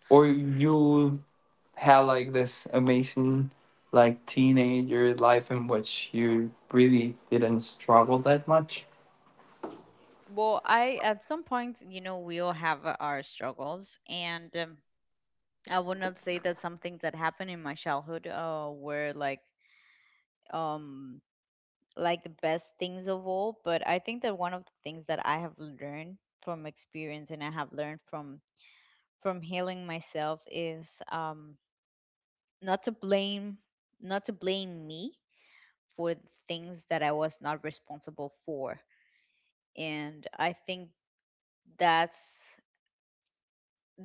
Speaker 2: Or you had like this amazing, like, teenager life in which you really didn't struggle that much?
Speaker 1: Well, I at some point, you know, we all have our struggles. And I would not say that some things that happened in my childhood were like, um like the best things of all, but I think that one of the things that I have learned from experience and I have learned from healing myself is, not to blame, not to blame me for the things that I was not responsible for. And I think that's,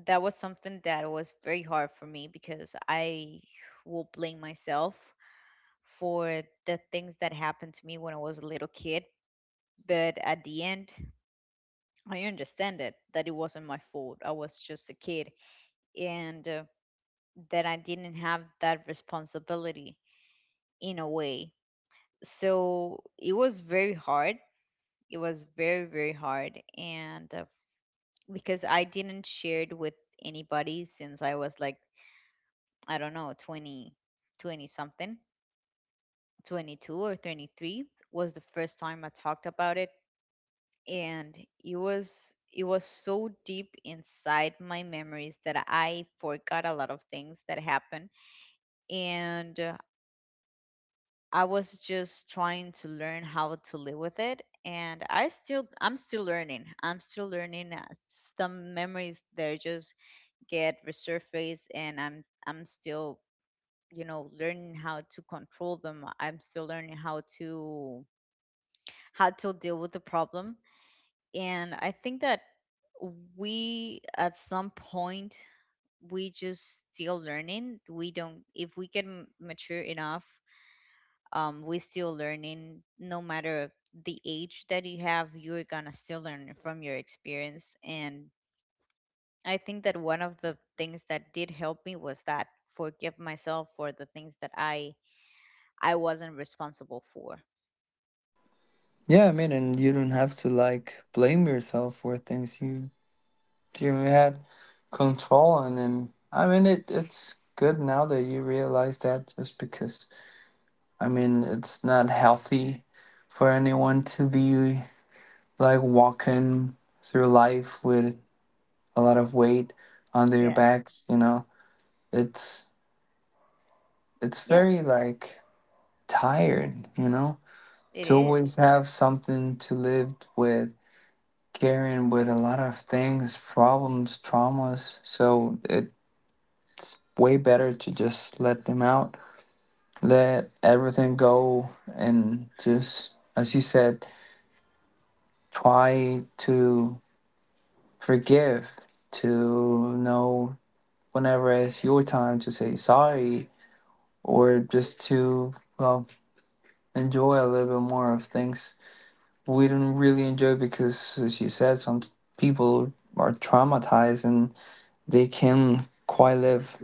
Speaker 1: that was something that was very hard for me, because I will blame myself for the things that happened to me when I was a little kid. But at the end, I understand it that it wasn't my fault. I was just a kid, and that I didn't have that responsibility in a way. So it was very hard. It was very hard, and because I didn't share it with anybody since I was like, I don't know, 20, 20 something, 22 or 23 was the first time I talked about it. And it was, it was so deep inside my memories that I forgot a lot of things that happened. And I was just trying to learn how to live with it, and I still, I'm still learning. I'm still learning, some memories that just get resurfaced, and I'm still, you know, learning how to control them. I'm still learning how to, how to deal with the problem. And I think that we, at some point, we just still learning. We don't, if we get mature enough, we still learning. No matter the age that you have, you're gonna still learn from your experience. And I think that one of the things that did help me was that forgive myself for the things that I wasn't responsible for.
Speaker 2: Yeah, I mean, and you don't have to like blame yourself for things. You had control, and then I mean it's good now that you realize that. Just because I mean it's not healthy for anyone to be like walking through life with a lot of weight on their
Speaker 1: Yes.
Speaker 2: backs, you know. It's it's very
Speaker 1: Yes,
Speaker 2: like tired, you know,
Speaker 1: it
Speaker 2: to always
Speaker 1: is.
Speaker 2: have something to live with, carrying with a lot of things, problems, traumas. So it's way better to just let them out, let everything go, and just, as you said, try to forgive, to know whenever it's your time to say sorry, or just to, well, enjoy a little bit more of things we didn't really enjoy. Because, as you said, some people are traumatized and they can quite live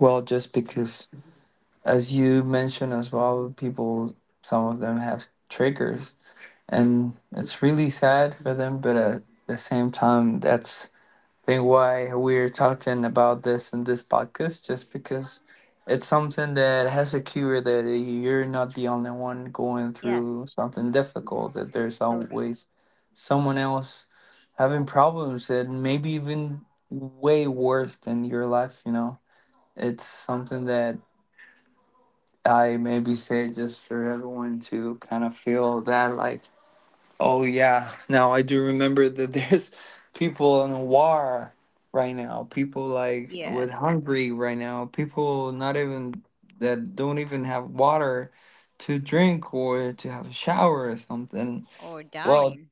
Speaker 2: well. Just because, as you mentioned as well, people, some of them have triggers, and it's really sad for them. But at the same time, that's I think why we're talking about this in this podcast, just because it's something that has a cure. That you're not the only one going through
Speaker 1: Yes.
Speaker 2: something difficult. That there's
Speaker 1: So true.
Speaker 2: always someone else having problems that maybe even way worse than your life. You know, it's something that I maybe say just for everyone to kind of feel that like, oh yeah, now I do remember that there's people in war right now, people like
Speaker 1: Yes.
Speaker 2: with hungry right now, people not even that don't even have water to drink or to have a shower or something.
Speaker 1: Or
Speaker 2: Well,
Speaker 1: dying.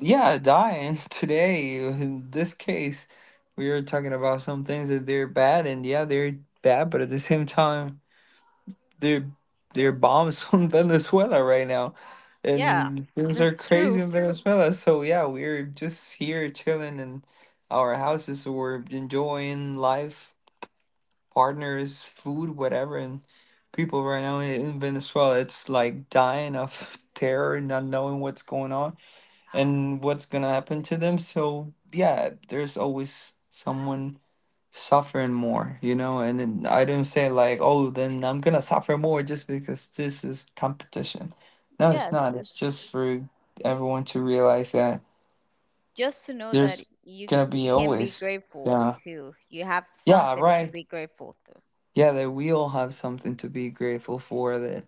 Speaker 2: yeah, dying today. In this case, we are talking about some things that they're bad and yeah, they're bad, but at the same time there, there are bombs on Venezuela right now,
Speaker 1: Yeah,
Speaker 2: and things are
Speaker 1: that's
Speaker 2: crazy in
Speaker 1: true.
Speaker 2: Venezuela. So yeah, we're just here chilling in our houses, or enjoying life, partners, food, whatever. And people right now in Venezuela, it's like dying of terror, not knowing what's going on and what's gonna happen to them. So yeah, there's always someone suffering more, you know. And then I didn't say like, oh, then I'm gonna suffer more just because this is competition. No, it's
Speaker 1: Yes,
Speaker 2: not. It's
Speaker 1: it's
Speaker 2: just for everyone to realize that
Speaker 1: just to know that
Speaker 2: there's
Speaker 1: you
Speaker 2: gonna be
Speaker 1: can be
Speaker 2: always,
Speaker 1: grateful
Speaker 2: yeah,
Speaker 1: too. You have
Speaker 2: yeah,
Speaker 1: something to
Speaker 2: right,
Speaker 1: be grateful to.
Speaker 2: yeah, that we all have something to be grateful for. That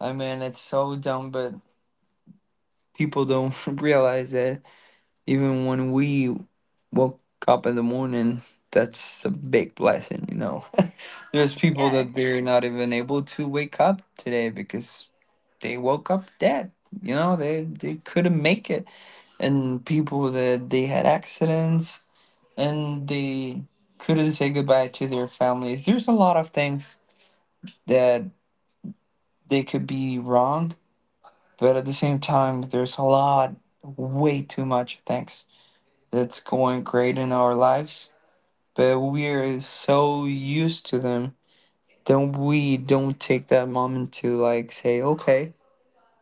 Speaker 2: I mean, it's so dumb, but people don't realize that even when we woke up in the morning, that's a big blessing, you know. There's people
Speaker 1: Yes,
Speaker 2: that they're not even able to wake up today because they woke up dead, you know. They couldn't make it. And people that they had accidents and they couldn't say goodbye to their families. There's a lot of things that they could be wrong, but at the same time there's a lot, way too much things that's going great in our lives, but we're so used to them that we don't take that moment to like say, okay,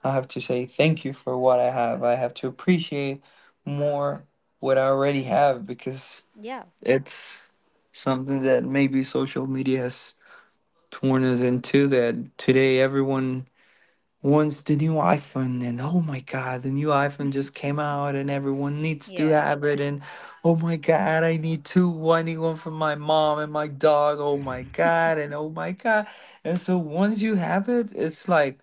Speaker 2: I have to say thank you for what I have. I have to appreciate more what I already have. Because
Speaker 1: yeah,
Speaker 2: it's something that maybe social media has torn us into, that today everyone once the new iPhone, and oh my god, the new iPhone just came out and everyone needs to
Speaker 1: yeah,
Speaker 2: have it, and oh my god, I need two. I need one for my mom and my dog. Oh my god, and oh my god. And so once you have it, it's like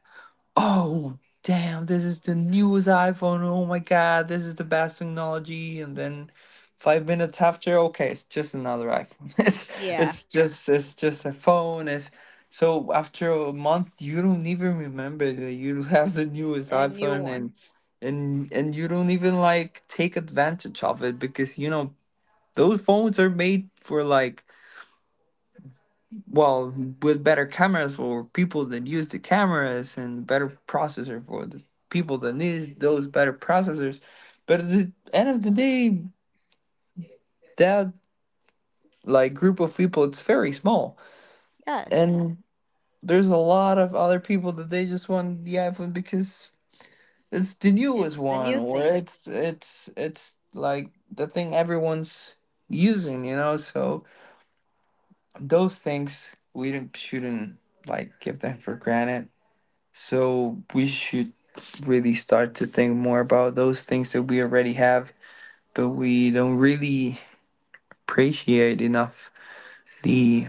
Speaker 2: oh damn, this is the newest iPhone, oh my god, this is the best technology. And then five minutes after, okay, it's just another iPhone. it's,
Speaker 1: yeah.
Speaker 2: it's just it's just a phone. It's so after a month you don't even remember that you have the newest
Speaker 1: A new
Speaker 2: iPhone. and
Speaker 1: one.
Speaker 2: and and you don't even like take advantage of it, because you know those phones are made for like, well, with better cameras for people that use the cameras, and better processor for the people that need those better processors. But at the end of the day, that like group of people, it's very small.
Speaker 1: Yes,
Speaker 2: And there's a lot of other people that they just want the iPhone because it's the newest
Speaker 1: it's the
Speaker 2: one,
Speaker 1: new
Speaker 2: or
Speaker 1: thing.
Speaker 2: it's like the thing everyone's using, you know. So those things we shouldn't like give them for granted. So we should really start to think more about those things that we already have, but we don't really appreciate enough. The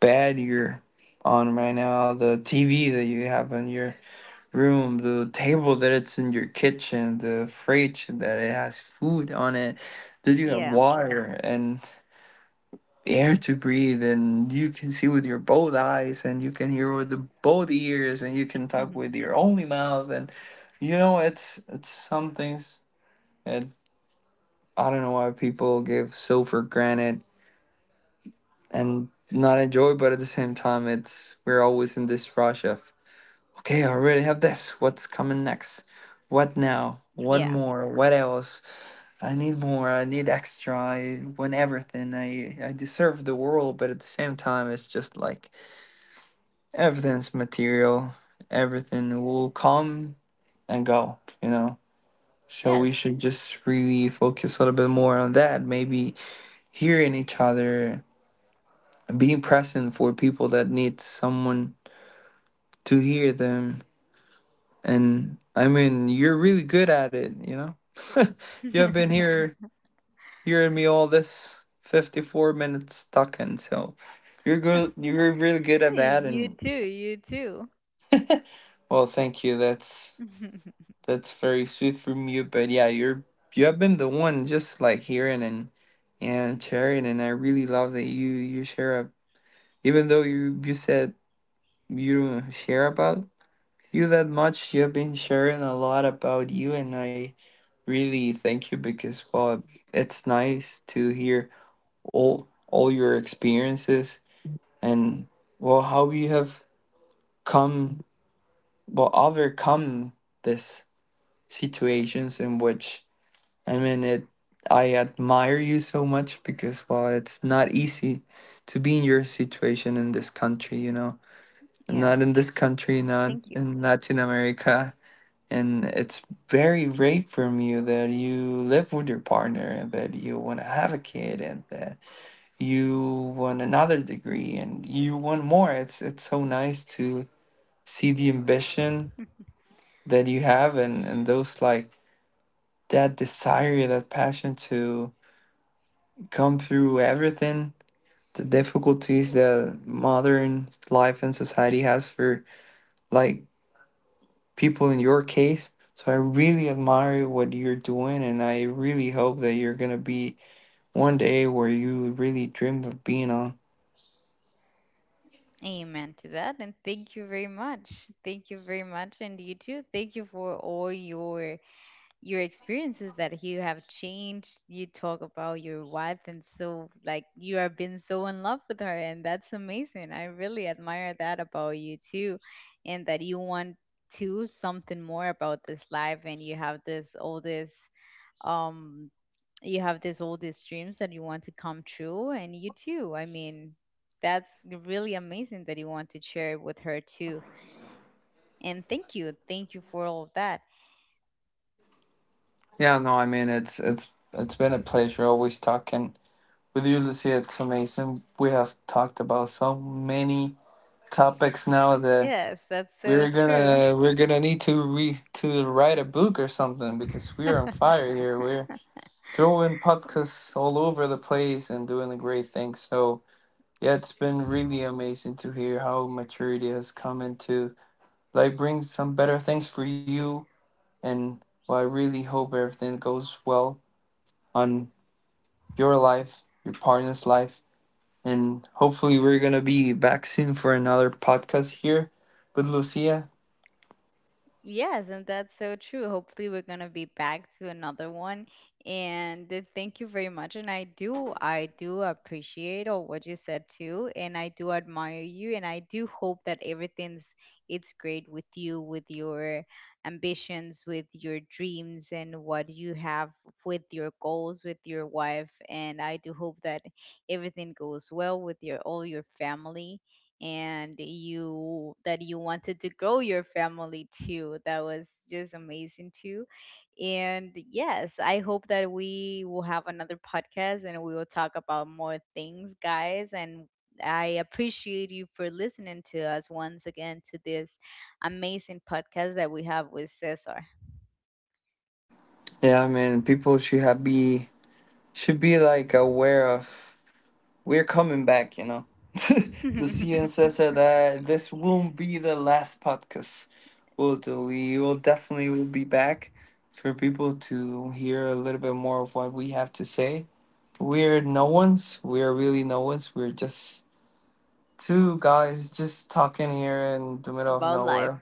Speaker 2: bed you're on right now, the TV that you have in your room, the table that it's in your kitchen, the fridge that it has food on it, that you have
Speaker 1: Yeah,
Speaker 2: water and air to breathe, and you can see with your both eyes, and you can hear with the, both ears, and you can talk with your only mouth, and you know it's some things that I don't know why people give so for granted and not enjoy. But at the same time it's we're always in this rush of okay, I already have this, what's coming next, what now, what
Speaker 1: yeah,
Speaker 2: more, what else. I need more, I need extra, I want everything, I deserve the world. But at the same time it's just like everything's material, everything will come and go, you know. So we
Speaker 1: yes.
Speaker 2: should just really focus a little bit more on that, maybe hearing each other, being present for people that need someone to hear them. And I mean you're really good at it, you know. You've been here hearing me all this 54 minutes talking, so you're good, you're really good at
Speaker 1: Hey,
Speaker 2: that.
Speaker 1: you
Speaker 2: And
Speaker 1: too, you too.
Speaker 2: well, thank you, that's That's very sweet from you. But yeah, you're you have been the one just like hearing and sharing, and I really love that you share up. Even though you said you don't share about you that much, you have been sharing a lot about you, and I really thank you, because well, it's nice to hear all your experiences, and well how you have come, well overcome this situations in which I mean, it. I admire you so much because, well, it's not easy to be in your situation in this country, you know,
Speaker 1: Yeah,
Speaker 2: not in this country, not
Speaker 1: thank you.
Speaker 2: in Latin America. And it's very brave from you that you live with your partner, and that you want to have a kid, and that you want another degree and you want more. It's so nice to see the ambition that you have, and those like that desire, that passion to come through everything, the difficulties that modern life and society has for like people in your case. So I really admire what you're doing, and I really hope that you're gonna be one day where you really dreamed of being on.
Speaker 1: Amen to that. And thank you very much. Thank you very much. And you too. Thank you for all your experiences that you have changed. You talk about your wife and so like you have been so in love with her, and that's amazing. I really admire that about you too, and that you want to something more about this life, and you have this all this um you have this all these dreams that you want to come true. And you too, I mean, that's really amazing that you want to share it with her too. And thank you. Thank you for all of that.
Speaker 2: Yeah, no, I mean it's been a pleasure always talking with you, Lucia. It's amazing we have talked about so many topics now that
Speaker 1: Yes, that's so
Speaker 2: We're
Speaker 1: true.
Speaker 2: gonna we're gonna need to re to write a book or something, because we are on fire here. We're throwing podcasts all over the place and doing the great things. So yeah, it's been really amazing to hear how maturity has come into like bring some better things for you. And well, I really hope everything goes well on your life, your partner's life, and hopefully we're gonna be back soon for another podcast here with Lucia.
Speaker 1: Yes, and that's so true. Hopefully, we're gonna be back to another one. And thank you very much. And I do appreciate all what you said too, and I do admire you, and I do hope that everything's, it's great with you, with your ambitions, with your dreams, and what you have, with your goals, with your wife. And I do hope that everything goes well with your all your family, and you that you wanted to grow your family too. That was just amazing too. And yes, I hope that we will have another podcast, and we will talk about more things, guys. And I appreciate you for listening to us once again to this amazing podcast that we have with Cesar
Speaker 2: Yeah, man, people should be like aware of we're coming back, you know. Lucia and Cesar, that this won't be the last podcast we'll do. We will definitely will be back for people to hear a little bit more of what we have to say. We're no ones. We are really no ones. We're just two guys just talking here in the middle of
Speaker 1: about life.
Speaker 2: nowhere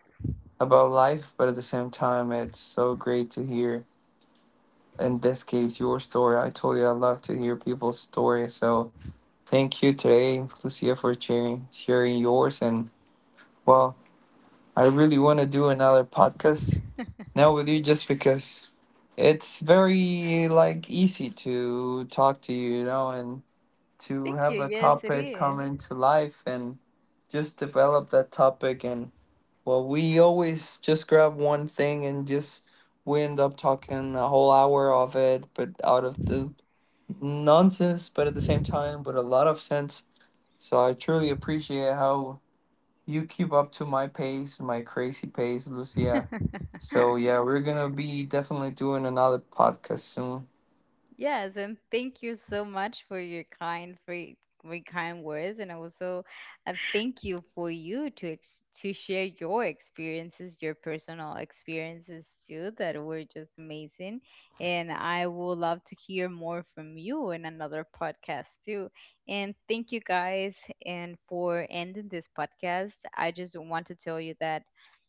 Speaker 2: about life. But at the same time it's so great to hear in this case your story. I told you I love to hear people's stories, so thank you today, Lucia, for sharing, sharing yours. And well, I really want to do another podcast now with you, just because it's very like easy to talk to you, you know, and to
Speaker 1: Thank you.
Speaker 2: have a
Speaker 1: Yes, it
Speaker 2: topic come
Speaker 1: is.
Speaker 2: into life and just develop that topic. And well, we always just grab one thing and just we end up talking a whole hour of it, but out of the nonsense, but at the same time, with a lot of sense. So I truly appreciate how you keep up to my pace, my crazy pace, Lucia. So yeah, we're gonna be definitely doing another podcast soon.
Speaker 1: Yes, and thank you so much for your kind for your kind words, and also thank you for you to ex to share your experiences, your personal experiences too, that were just amazing. And I would love to hear more from you in another podcast too. And thank you guys, and for ending this podcast, I just want to tell you that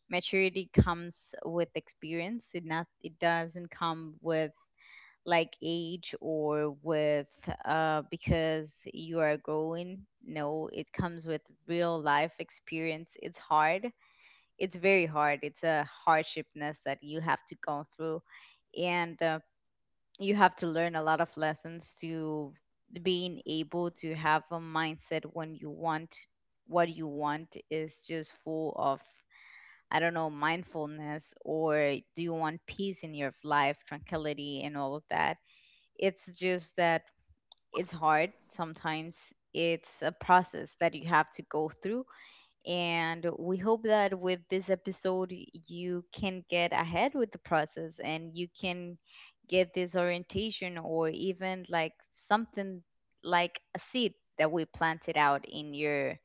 Speaker 1: maturity comes with experience. It doesn't come with like age or with because you are growing. No, it comes with real life experience. It's hard. It's very hard. It's a hardshipness that you have to go through, and you have to learn a lot of lessons to being able to have a mindset when you want what you want is just full of, I don't know, mindfulness, or do you want peace in your life, tranquility, and all of that. It's just that it's hard sometimes. It's a process that you have to go through. And we hope that with this episode, you can get ahead with the process, and you can get this orientation or even like something like a seed that we planted out in your,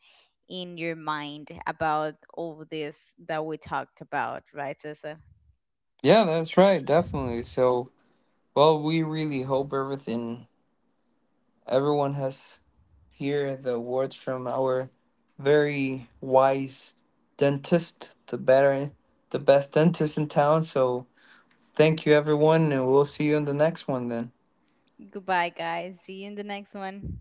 Speaker 1: in your mind about all this that we talked about, right, Cesar?
Speaker 2: Yeah, that's right, definitely. So well, we really hope everything, everyone has hear the words from our very wise dentist, the better, the best dentist in town. So thank you, everyone, and we'll see you in the next one then.
Speaker 1: Goodbye, guys. See you in the next one.